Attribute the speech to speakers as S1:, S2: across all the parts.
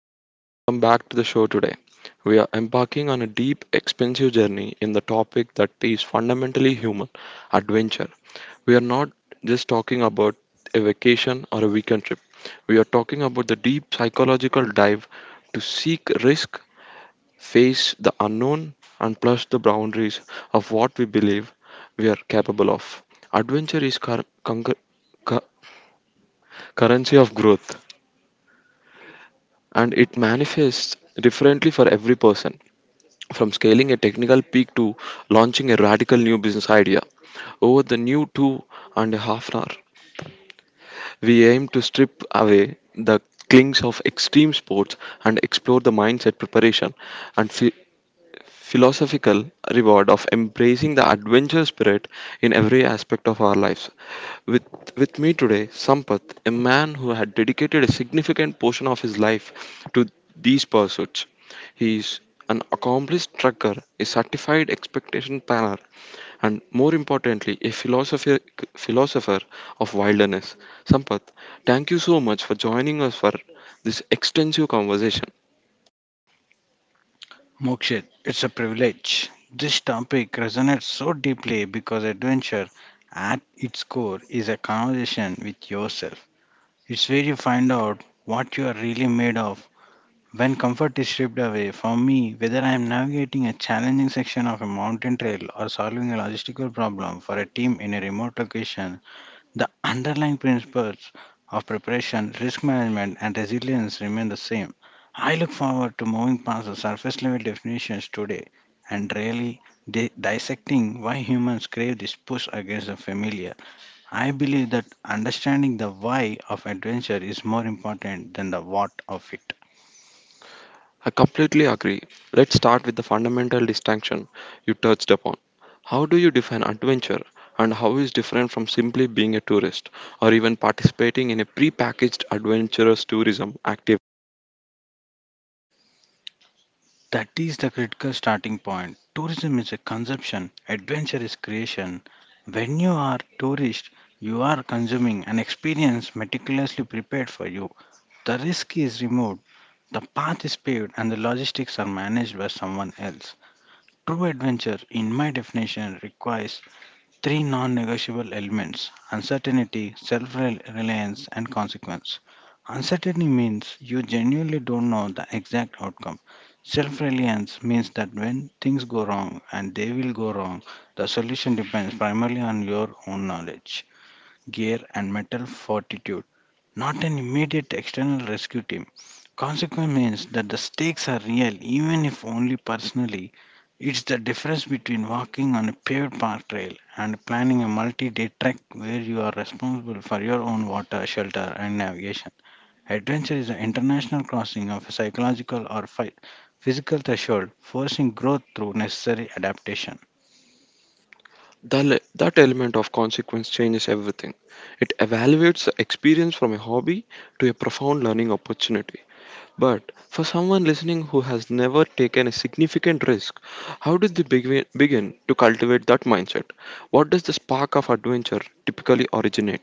S1: and welcome back to the show today. We are embarking on a deep, expensive journey in the topic that is fundamentally human adventure. We are not just talking about a vacation or a weekend trip, we are talking about the deep psychological dive to seek risk, face the unknown, and push the boundaries of what we believe we are capable of. Adventure is cu- currency of growth, and it manifests differently for every person, from scaling a technical peak to launching a radical new business idea. Over the new 2.5 hour, we aim to strip away the clings of extreme sports and explore the mindset preparation and philosophical reward of embracing the adventure spirit in every aspect of our lives. With, with me today, Sampath, a man who had dedicated a significant portion of his life to these pursuits. He is an accomplished trucker, a certified expectation planner, and more importantly, a philosopher of wilderness. Sampath, thank you so much for joining us for this extensive conversation.
S2: Mokshit, it's a privilege. This topic resonates so deeply because adventure at its core is a conversation with yourself. It's where you find out what you are really made of. When comfort is stripped away, for me, whether I am navigating a challenging section of a mountain trail or solving a logistical problem for a team in a remote location, the underlying principles of preparation, risk management, and resilience remain the same. I look forward to moving past the surface level definitions today and really dissecting why humans crave this push against the familiar. I believe that understanding the why of adventure is more important than the what of it.
S1: I completely agree. Let's start with the fundamental distinction you touched upon. How do you define adventure, and how is different from simply being a tourist or even participating in a pre-packaged adventurous tourism activity?
S2: That is the critical starting point. Tourism is a consumption, adventure is creation. When you are tourist, you are consuming an experience meticulously prepared for you. The risk is removed, the path is paved, and the logistics are managed by someone else. True adventure, in my definition, requires three non negotiable elements: uncertainty, self reliance, and consequence. Uncertainty means you genuinely don't know the exact outcome. Self reliance means that when things go wrong, and they will go wrong, the solution depends primarily on your own knowledge gear, and mental fortitude, not an immediate external rescue team. Consequence means that the stakes are real, even if only personally. It's the difference between walking on a paved park trail and planning a multi day trek where you are responsible for your own water, shelter, and navigation. Adventure is the international crossing of a psychological or physical threshold, forcing growth through necessary adaptation.
S1: That element of consequence changes everything. It evaluates the experience from a hobby to a profound learning opportunity. But for someone listening who has never taken a significant risk, how did they begin to cultivate that mindset? What does the spark of adventure typically originate?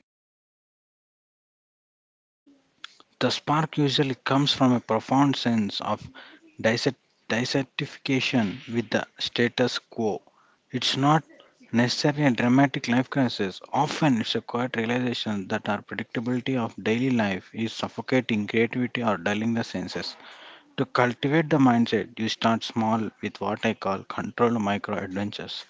S2: The spark usually comes from a profound sense of dissect- dissatisfaction with the status quo. It's not necessarily a dramatic life crisis, often, it's a quiet realization that our predictability of daily life is suffocating creativity or dulling the senses. To cultivate the mindset, you start small with what I call controlled micro adventures.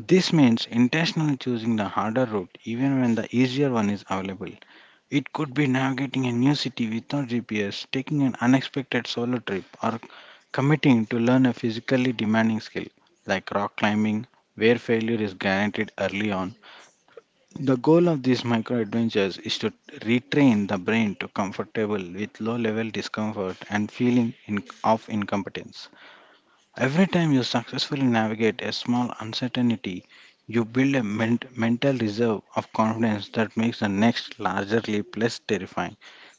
S2: This means intentionally choosing the harder route even when the easier one is available. It could be navigating a new city without GPS, taking an unexpected solo trip, or committing to learn a physically demanding skill like rock climbing, where failure is guaranteed early on. The goal of these micro adventures is to retrain the brain to comfortable with low level discomfort and feeling in, of incompetence. Every time you successfully navigate a small uncertainty, you build a mental reserve of confidence that makes the next larger leap less terrifying.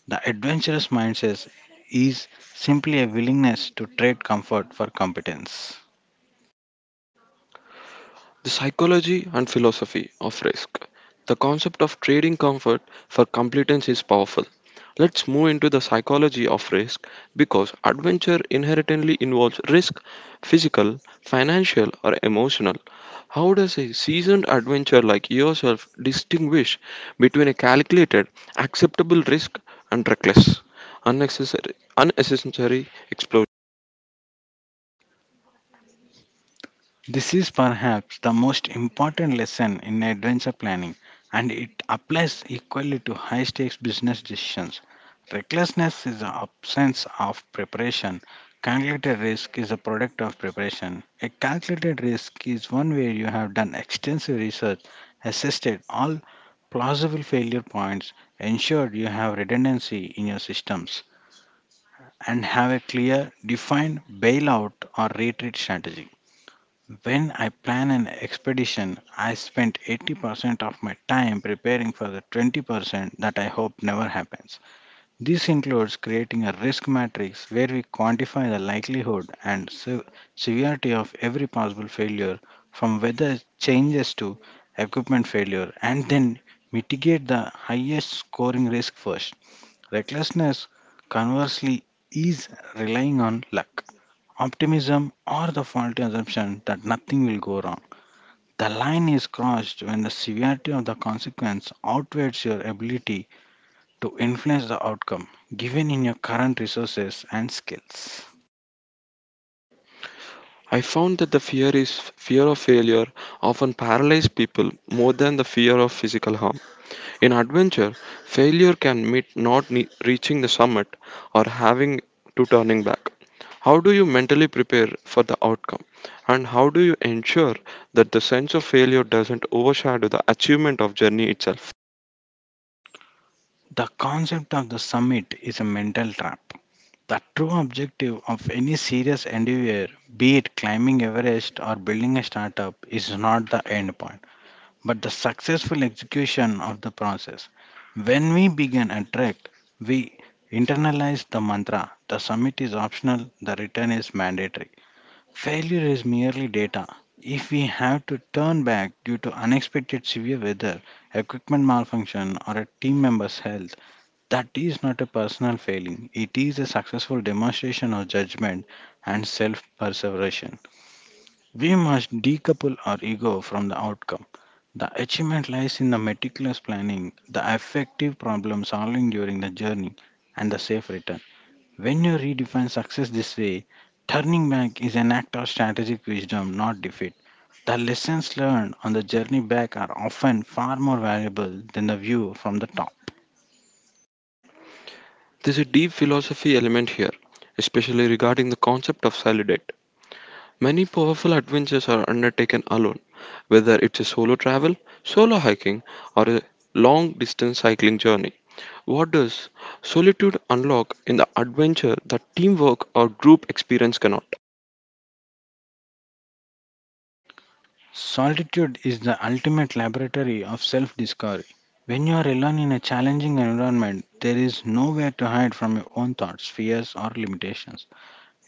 S2: The adventurous mindset is simply a willingness to trade comfort for competence.
S1: The psychology and philosophy of risk. The concept of trading comfort for competence is powerful. Let's move into the psychology of risk because adventure inherently involves risk, physical, financial, or emotional. How does a seasoned adventurer like yourself distinguish between a calculated, acceptable risk and reckless, unnecessary explosion?
S2: This is perhaps the most important lesson in adventure planning, and it applies equally to high stakes business decisions. Recklessness is the absence of preparation. Calculated risk is a product of preparation. A calculated risk is one where you have done extensive research, assessed all plausible failure points, ensured you have redundancy in your systems, and have a clear, defined bailout or retreat strategy. When I plan an expedition, I spend 80% of my time preparing for the 20% that I hope never happens. This includes creating a risk matrix where we quantify the likelihood and severity of every possible failure, from weather changes to equipment failure, and then mitigate the highest scoring risk first. Recklessness, conversely, is relying on luck, optimism, or the faulty assumption that nothing will go wrong. The line is crossed when the severity of the consequence outweighs your ability to influence the outcome, given in your current resources and skills.
S1: I found that the fear is fear of failure often paralyzes people more than the fear of physical harm. In adventure, failure can mean not ne- reaching the summit or having to turning back. How do you mentally prepare for the outcome? And how do you ensure that the sense of failure doesn't overshadow the achievement of journey itself?
S2: The concept of the summit is a mental trap. The true objective of any serious endeavor, be it climbing Everest or building a startup, is not the end point, but the successful execution of the process. When we begin a trek, we internalize the mantra: the summit is optional, the return is mandatory. Failure is merely data. If we have to turn back due to unexpected severe weather, equipment malfunction, or a team member's health, that is not a personal failing. It is a successful demonstration of judgment and self perseverance. We must decouple our ego from the outcome. The achievement lies in the meticulous planning, the effective problem solving during the journey, and the safe return. When you redefine success this way, turning back is an act of strategic wisdom, not defeat. The lessons learned on the journey back are often far more valuable than the view from the top.
S1: There's a deep philosophy element here, especially regarding the concept of solidity. Many powerful adventures are undertaken alone, whether it's a solo travel, solo hiking, or a long distance cycling journey. What does solitude unlock in the adventure that teamwork or group experience cannot?
S2: Solitude is the ultimate laboratory of self discovery. When you are alone in a challenging environment, there is nowhere to hide from your own thoughts, fears, or limitations.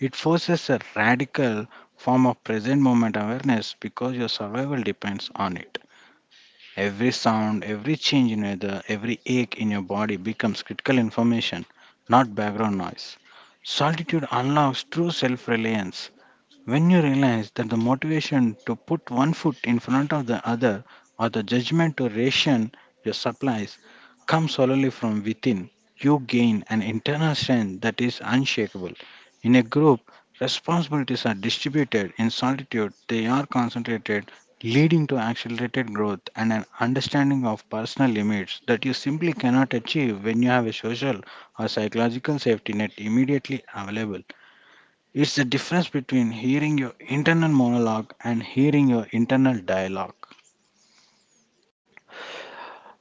S2: It forces a radical form of present moment awareness because your survival depends on it. Every sound, every change in weather, every ache in your body becomes critical information, not background noise. Solitude unlocks true self reliance. When you realize that the motivation to put one foot in front of the other or the judgment to ration your supplies comes solely from within, you gain an internal strength that is unshakable. In a group, responsibilities are distributed. In solitude, they are concentrated leading to accelerated growth and an understanding of personal limits that you simply cannot achieve when you have a social or psychological safety net immediately available. It's the difference between hearing your internal monologue and hearing your internal dialogue.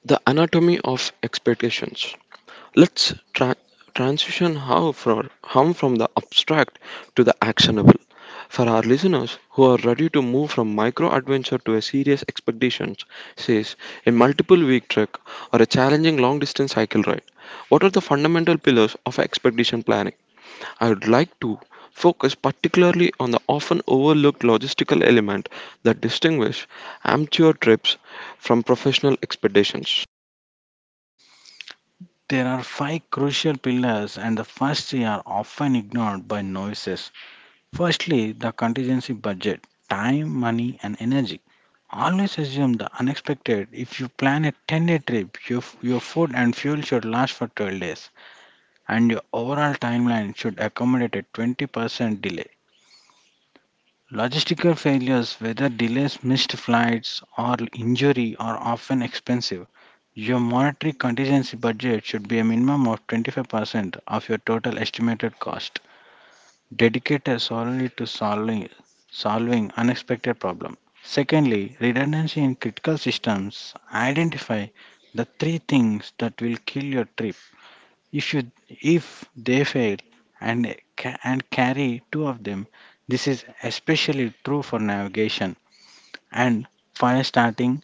S1: The anatomy of expectations. Let's transition how from, hum from the abstract to the actionable. For our listeners who are ready to move from micro adventure to a serious expedition, says a multiple week trek or a challenging long distance cycle ride, what are the fundamental pillars of expedition planning? I would like to focus particularly on the often overlooked logistical element that distinguishes amateur trips from professional expeditions.
S2: There are five crucial pillars, and the first three are often ignored by noises. Firstly, the contingency budget, time, money, and energy. Always assume the unexpected. If you plan a 10-day trip, your food and fuel should last for 12 days, and your overall timeline should accommodate a 20% delay. Logistical failures, whether delays, missed flights, or injury, are often expensive. Your monetary contingency budget should be a minimum of 25% of your total estimated cost dedicated solely to solving unexpected problem. Secondly, redundancy in critical systems: identify the three things that will kill your trip If you if they fail, and and carry two of them. This is especially true for navigation and fire starting.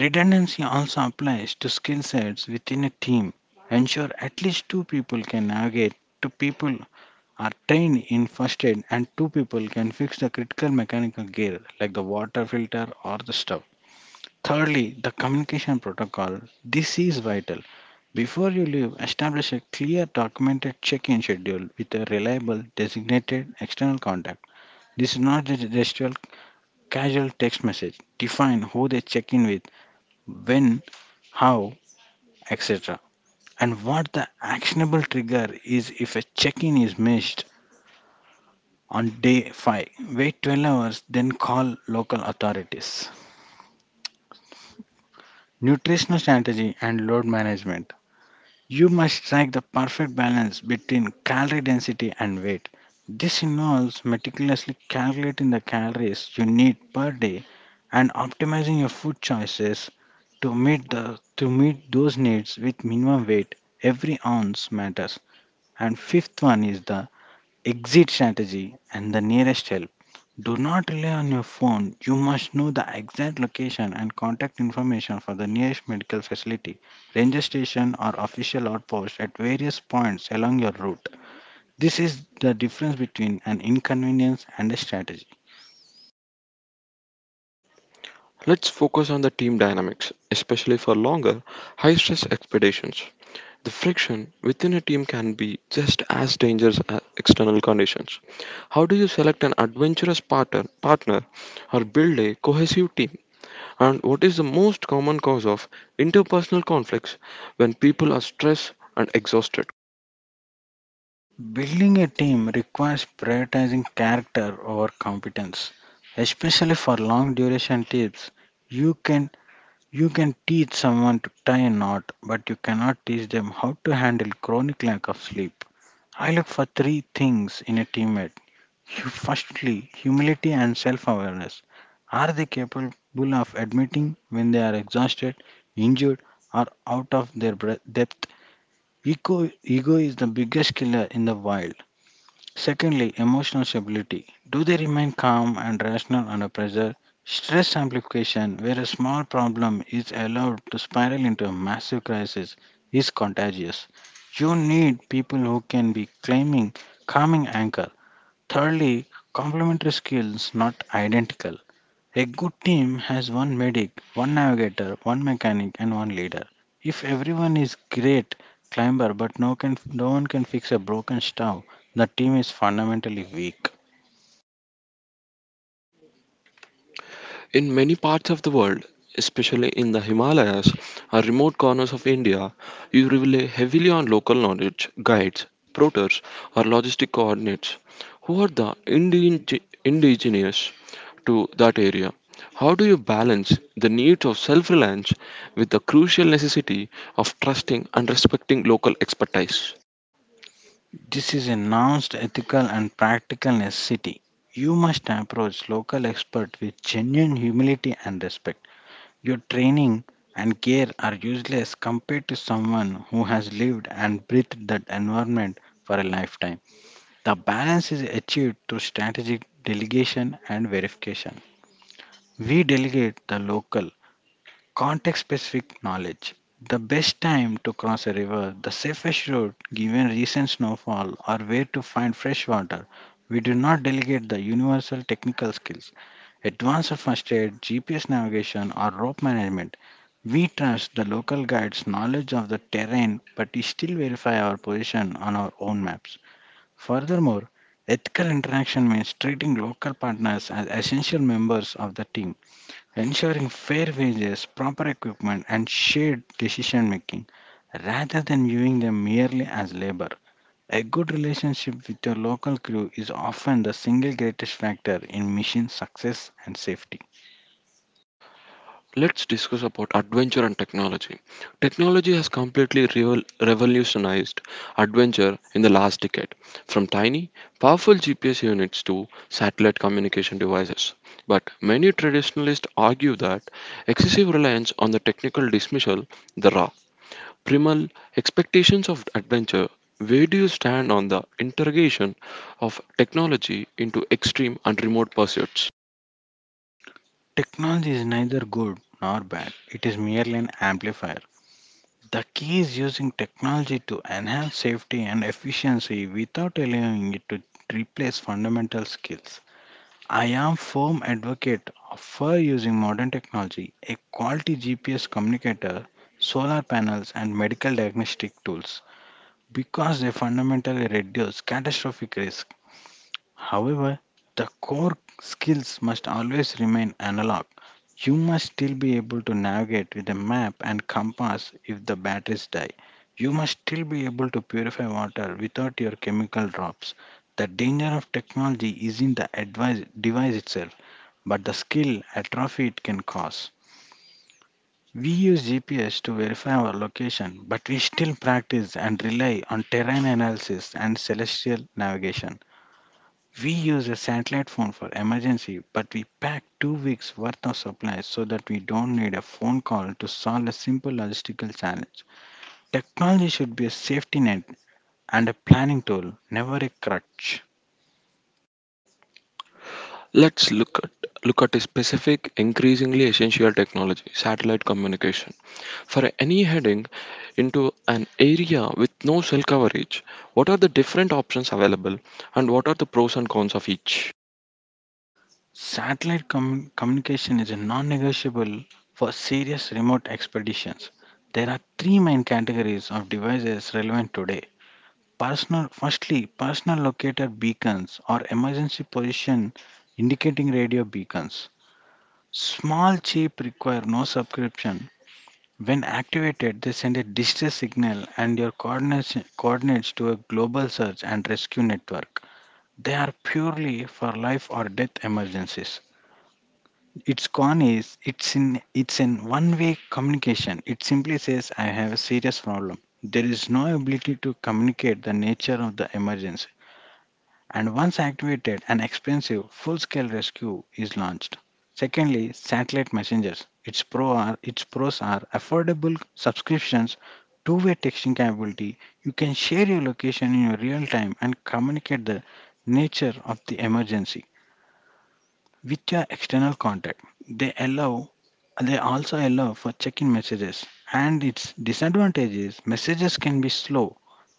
S2: Redundancy also applies to skill sets within a team. Ensure at least two people can navigate, two people are trained in first aid, and two people can fix the critical mechanical gear like the water filter or the stove. Thirdly, the communication protocol. This is vital. Before you leave, establish a clear documented check in schedule with a reliable designated external contact. This is not just a gestural casual text message. Define who they check in with, when, how, etc. And what the actionable trigger is if a check in is missed: on day 5, wait 12 hours, then call local authorities. Nutritional strategy and load management. You must strike the perfect balance between calorie density and weight. This involves meticulously calculating the calories you need per day and optimizing your food choices to meet those needs with minimum weight. Every ounce matters. And fifth one is the exit strategy, and the nearest help. Do not rely on your phone. You must know the exact location and contact information for the nearest medical facility, ranger station, or official outpost at various points along your route. This is the difference between an inconvenience and a strategy.
S1: Let's focus on the team dynamics, especially for longer, high stress expeditions. The friction within a team can be just as dangerous as external conditions. How do you select an adventurous partner or build a cohesive team? And what is the most common cause of interpersonal conflicts when people are stressed and exhausted?
S2: Building a team requires prioritizing character over competence, especially for long duration trips. You can You can teach someone to tie a knot, but you cannot teach them how to handle chronic lack of sleep. I look for three things in a teammate. Firstly, humility and self awareness. Are they capable of admitting when they are exhausted, injured, or out of their depth? Ego is the biggest killer in the wild. Secondly, emotional stability. Do they remain calm and rational under pressure? Stress amplification, where a small problem is allowed to spiral into a massive crisis, is contagious. You need people who can be claiming calming anchor. Thirdly, complementary skills, not identical. A good team has one medic, one navigator, one mechanic, and one leader. If everyone is great climber but no one can fix a broken stove, the team is fundamentally weak.
S1: In many parts of the world, especially in the Himalayas or remote corners of India, you rely heavily on local knowledge, guides, porters, or logistic coordinates who are the indigenous to that area. How do you balance the needs of self reliance with the crucial necessity of trusting and respecting local expertise?
S2: This is a announced ethical and practical necessity. You must approach local experts with genuine humility and respect. Your training and care are useless compared to someone who has lived and breathed that environment for a lifetime. The balance is achieved through strategic delegation and verification. We delegate the local, context specific knowledge. The best time to cross a river, the safest route given recent snowfall, or where to find fresh water. We do not delegate the universal technical skills, advanced first aid, GPS navigation, or rope management. We trust the local guide's knowledge of the terrain, but we still verify our position on our own maps. Furthermore, ethical interaction means treating local partners as essential members of the team, ensuring fair wages, proper equipment, and shared decision making rather than viewing them merely as labor. A good relationship with your local crew is often the single greatest factor in mission success and safety.
S1: Let's discuss about adventure and technology. Technology has completely revolutionized adventure in the last decade, from tiny, powerful GPS units to satellite communication devices. But many traditionalists argue that excessive reliance on the technical dismissal the raw, primal expectations of adventure. Where do you stand on the interrogation of technology into extreme and remote pursuits?
S2: Technology is neither good nor bad, it is merely an amplifier. The key is using technology to enhance safety and efficiency without allowing it to replace fundamental skills. I am firm advocate for using modern technology, a quality GPS communicator, solar panels and medical diagnostic tools because they fundamentally reduce catastrophic risk. However, the core skills must always remain analog. You must still be able to navigate with a map and compass if the batteries die. You must still be able to purify water without your chemical drops. The danger of technology isn't the device itself, but the skill atrophy it can cause. We use GPS to verify our location, but we still practice and rely on terrain analysis and celestial navigation. We use a satellite phone for emergency, but we pack 2 weeks worth of supplies so that we don't need a phone call to solve a simple logistical challenge. Technology should be a safety net and a planning tool, never a crutch.
S1: Let's look at a specific, increasingly essential technology, satellite communication. For any heading into an area with no cell coverage, what are the different options available and what are the pros and cons of each?
S2: Satellite communication is a non negotiable for serious remote expeditions. There are three main categories of devices relevant today. Firstly, personal locator beacons or emergency position indicating radio beacons. Small chip require no subscription. When activated, they send a distress signal and your coordinates to a global search and rescue network. They are purely for life or death emergencies. Its con is it's in one-way communication. It simply says I have a serious problem. There is no ability to communicate the nature of the emergency, and once activated, an expensive full-scale rescue is launched. Secondly, satellite messengers. Its pros are affordable subscriptions, two-way texting capability. You can share your location in your real time and communicate the nature of the emergency with your external contact. They allow they also allow for check-in messages. And its disadvantages: messages can be slow,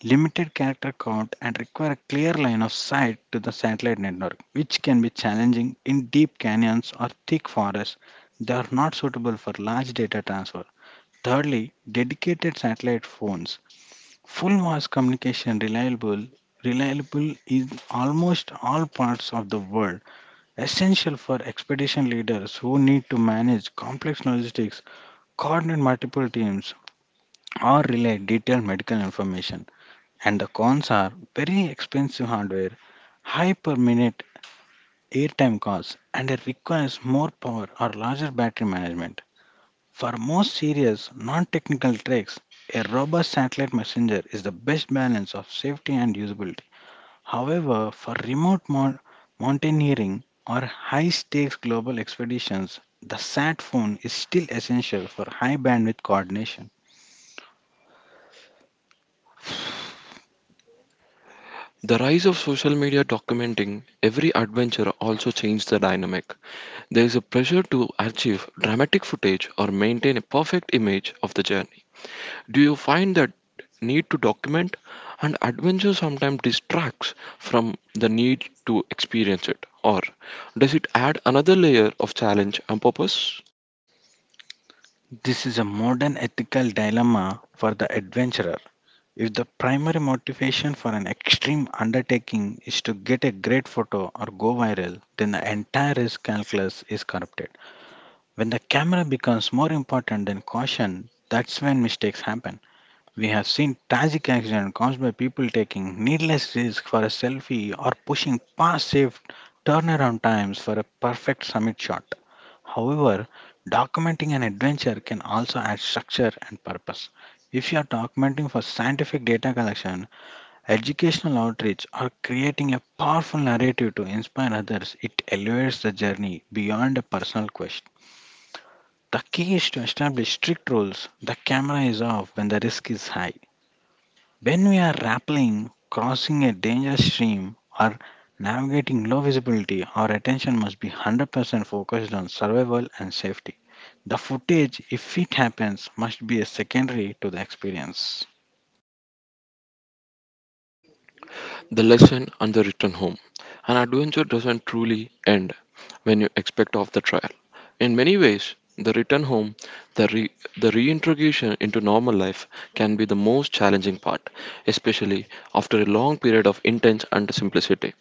S2: limited character count, and require a clear line of sight to the satellite network, which can be challenging in deep canyons or thick forests. They are not suitable for large data transfer. Thirdly, dedicated satellite phones: full voice communication, reliable in almost all parts of the world, essential for expedition leaders who need to manage complex logistics, coordinate multiple teams, or relay detailed medical information. And the cons are very expensive hardware, high per minute airtime costs, and it requires more power or larger battery management. For most serious, non technical treks, a robust satellite messenger is the best balance of safety and usability. However, for remote mountaineering or high stakes global expeditions, the sat phone is still essential for high bandwidth coordination.
S1: The rise of social media documenting every adventure also changed the dynamic. There is a pressure to achieve dramatic footage or maintain a perfect image of the journey. Do you find that need to document and adventure sometimes distracts from the need to experience it? Or does it add another layer of challenge and purpose?
S2: This is a modern ethical dilemma for the adventurer. If the primary motivation for an extreme undertaking is to get a great photo or go viral, then the entire risk calculus is corrupted. When the camera becomes more important than caution, that's when mistakes happen. We have seen tragic accidents caused by people taking needless risks for a selfie or pushing past safe turnaround times for a perfect summit shot. However, documenting an adventure can also add structure and purpose. If you are documenting for scientific data collection, educational outreach, or creating a powerful narrative to inspire others, it elevates the journey beyond a personal quest. The key is to establish strict rules. The camera is off when the risk is high. When we are rappelling, crossing a dangerous stream, or navigating low visibility, our attention must be 100% focused on survival and safety. The footage, if it happens, must be a secondary to the experience.
S1: The lesson, and the return home. An adventure doesn't truly end when you expect off the trial. In many ways, the return home, the, re- the reintegration into normal life can be the most challenging part, especially after a long period of intense and simplicity.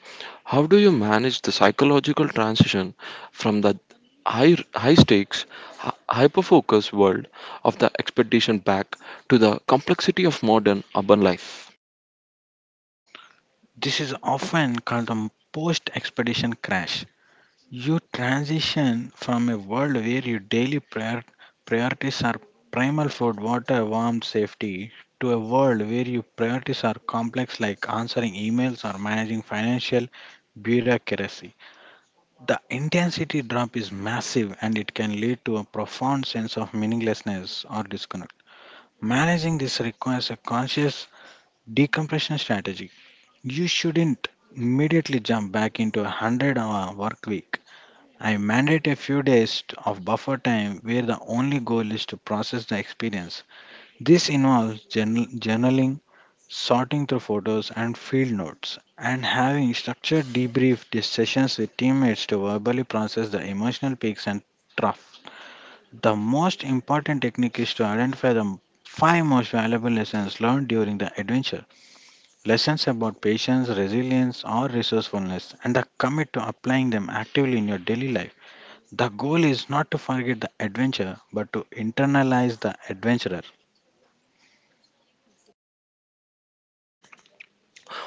S1: How do you manage the psychological transition from the high stakes, hyper-focused world of the expedition back to the complexity of modern urban life?
S2: This is often called the post expedition crash. You transition from a world where your daily priorities are primal: food, water, warmth, safety, to a world where your priorities are complex, like answering emails or managing financial bureaucracy. The intensity drop is massive and it can lead to a profound sense of meaninglessness or disconnect. Managing this requires a conscious decompression strategy. You shouldn't immediately jump back into a 100-hour work week. I mandate a few days of buffer time where the only goal is to process the experience. This involves journaling, sorting through photos and field notes, and having structured debrief sessions with teammates to verbally process the emotional peaks and troughs. The most important technique is to identify the five most valuable lessons learned during the adventure. Lessons about patience, resilience, or resourcefulness, and the commit to applying them actively in your daily life. The goal is not to forget the adventure, but to internalize the adventurer.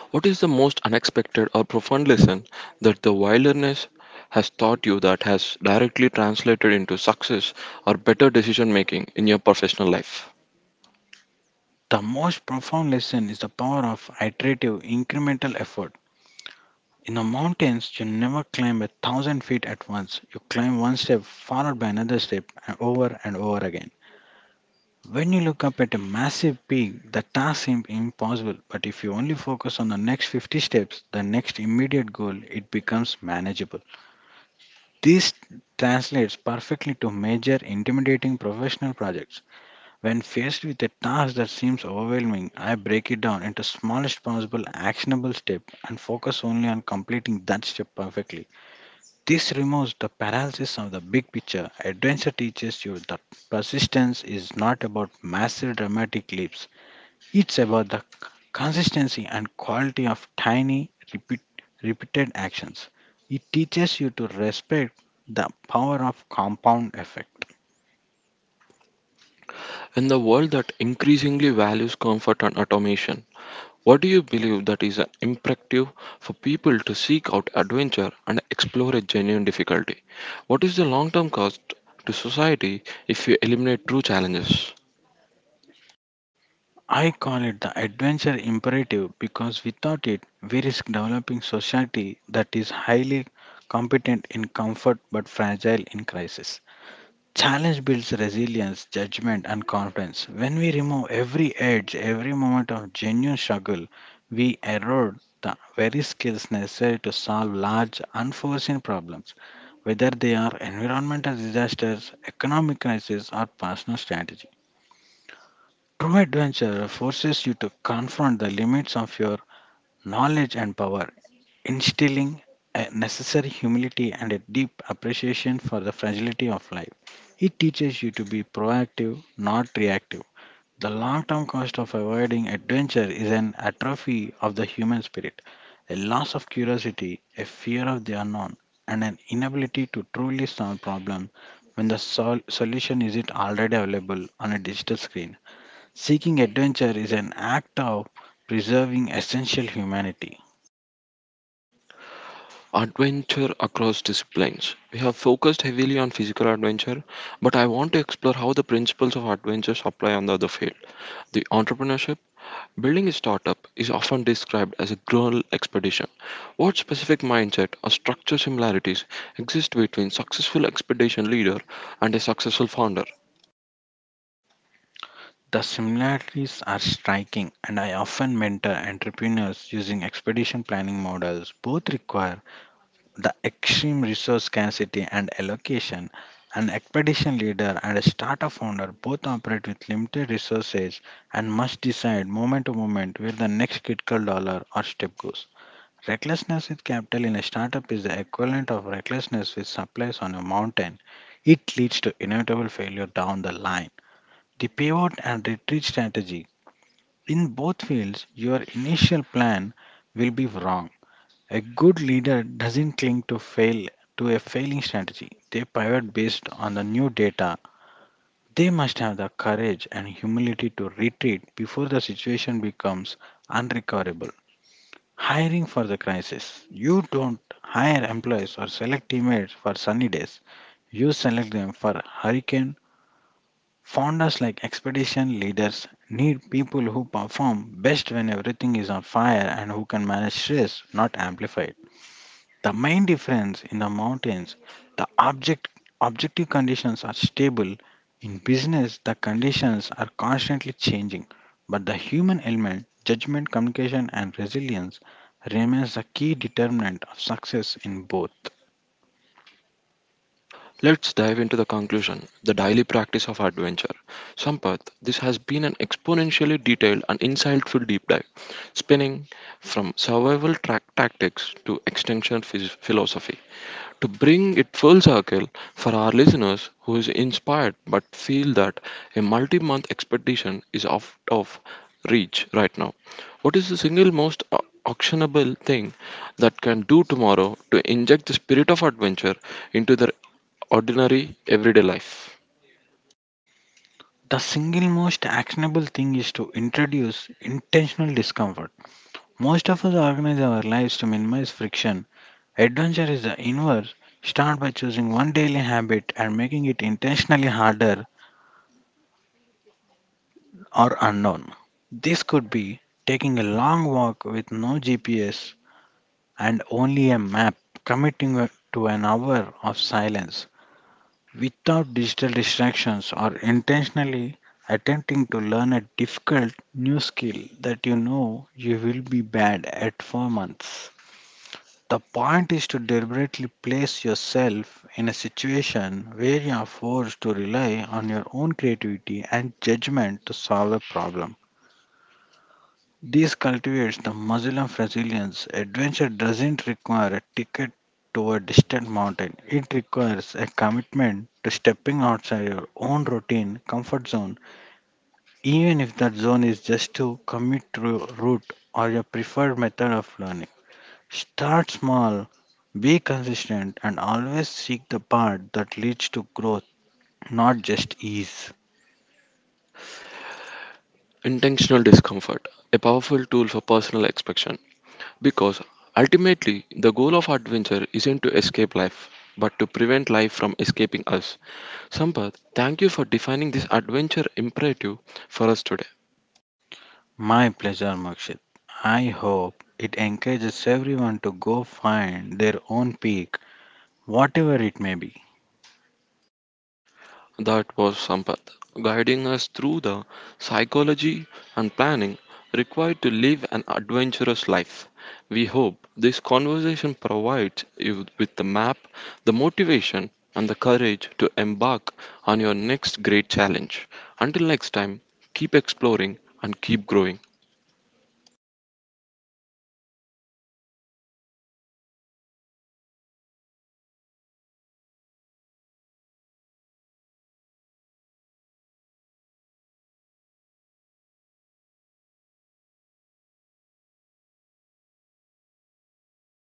S1: What is the most unexpected or profound lesson that the wilderness has taught you that has directly translated into success or better decision making in your professional life?
S2: The most profound lesson is the power of iterative, incremental effort. In the mountains, you never climb 1,000 feet at once. You climb one step, followed by another step, and over again. When you look up at a massive peak, the task seems impossible, but if you only focus on the next 50 steps, the next immediate goal, it becomes manageable. This translates perfectly to major intimidating professional projects. When faced with a task that seems overwhelming, I break it down into smallest possible actionable step and focus only on completing that step perfectly. This removes the paralysis of the big picture. Adventure teaches you that persistence is not about massive dramatic leaps. It's about the consistency and quality of tiny repeated actions. It teaches you to respect the power of compound effect.
S1: In the world that increasingly values comfort and automation, what do you believe that is an imperative for people to seek out adventure and explore a genuine difficulty? What is the long term cost to society if we eliminate true challenges?
S2: I call it the adventure imperative because without it, we risk developing society that is highly competent in comfort but fragile in crisis. Challenge builds resilience, judgment, and confidence. When we remove every edge, every moment of genuine struggle, we erode the very skills necessary to solve large, unforeseen problems, whether they are environmental disasters, economic crisis, or personal strategy. True adventure forces you to confront the limits of your knowledge and power, instilling a necessary humility and a deep appreciation for the fragility of life. It teaches you to be proactive, not reactive. The long term cost of avoiding adventure is an atrophy of the human spirit, a loss of curiosity, a fear of the unknown, and an inability to truly solve problems when the solution isn't already available on a digital screen. Seeking adventure is an act of preserving essential humanity.
S1: Adventure across disciplines. We have focused heavily on physical adventure, but I want to explore how the principles of adventure apply on the other field. The entrepreneurship, building a startup, is often described as a girl expedition. What specific mindset or structure similarities exist between successful expedition leader and a successful founder?
S2: The similarities are striking, and I often mentor entrepreneurs using expedition planning models. Both require the extreme resource scarcity and allocation. An expedition leader and a startup founder both operate with limited resources and must decide moment to moment where the next critical dollar or step goes. Recklessness with capital in a startup is the equivalent of recklessness with supplies on a mountain. It leads to inevitable failure down the line. The pivot and retreat strategy. In both fields, your initial plan will be wrong. A good leader doesn't cling to a failing strategy. They pivot based on the new data. They must have the courage and humility to retreat before the situation becomes unrecoverable. Hiring for the crisis. You don't hire employees or select teammates for sunny days. You select them for hurricane. Founders like expedition leaders need people who perform best when everything is on fire and who can manage stress, not amplify it. The main difference: in the mountains, the objective conditions are stable. In business, the conditions are constantly changing, but the human element, judgment, communication and resilience, remains a key determinant of success in both.
S1: Let's dive into the conclusion the daily practice of adventure. Sampath, this has been an exponentially detailed and insightful deep dive, spanning from survival track tactics to extinction philosophy. To bring it full circle for our listeners who is inspired but feel that a multi-month expedition is out of reach right now, what is the single most actionable thing that can do tomorrow to inject the spirit of adventure into their ordinary everyday life?
S2: The single most actionable thing is to introduce intentional discomfort. Most of us organize our lives to minimize friction. Adventure is the inverse. Start by choosing one daily habit and making it intentionally harder or unknown. This could be taking a long walk with no GPS and only a map, committing to an hour of silence without digital distractions, or intentionally attempting to learn a difficult new skill that you know you will be bad at for months. The point is to deliberately place yourself in a situation where you are forced to rely on your own creativity and judgment to solve a problem. This cultivates the muscle of resilience. Adventure doesn't require a ticket to a distant mountain, it requires a commitment to stepping outside your own routine comfort zone, even if that zone is just to commute route or your preferred method of learning. Start small, be consistent, and always seek the path that leads to growth, not just ease.
S1: Intentional discomfort, a powerful tool for personal expression. Because ultimately, the goal of adventure isn't to escape life, but to prevent life from escaping us. Sampath, thank you for defining this adventure imperative for us today.
S2: My pleasure, Mokshit. I hope it encourages everyone to go find their own peak, whatever it may be.
S1: That was Sampath, guiding us through the psychology and planning required to live an adventurous life. We hope this conversation provides you with the map, the motivation, and the courage to embark on your next great challenge. Until next time, keep exploring and keep growing.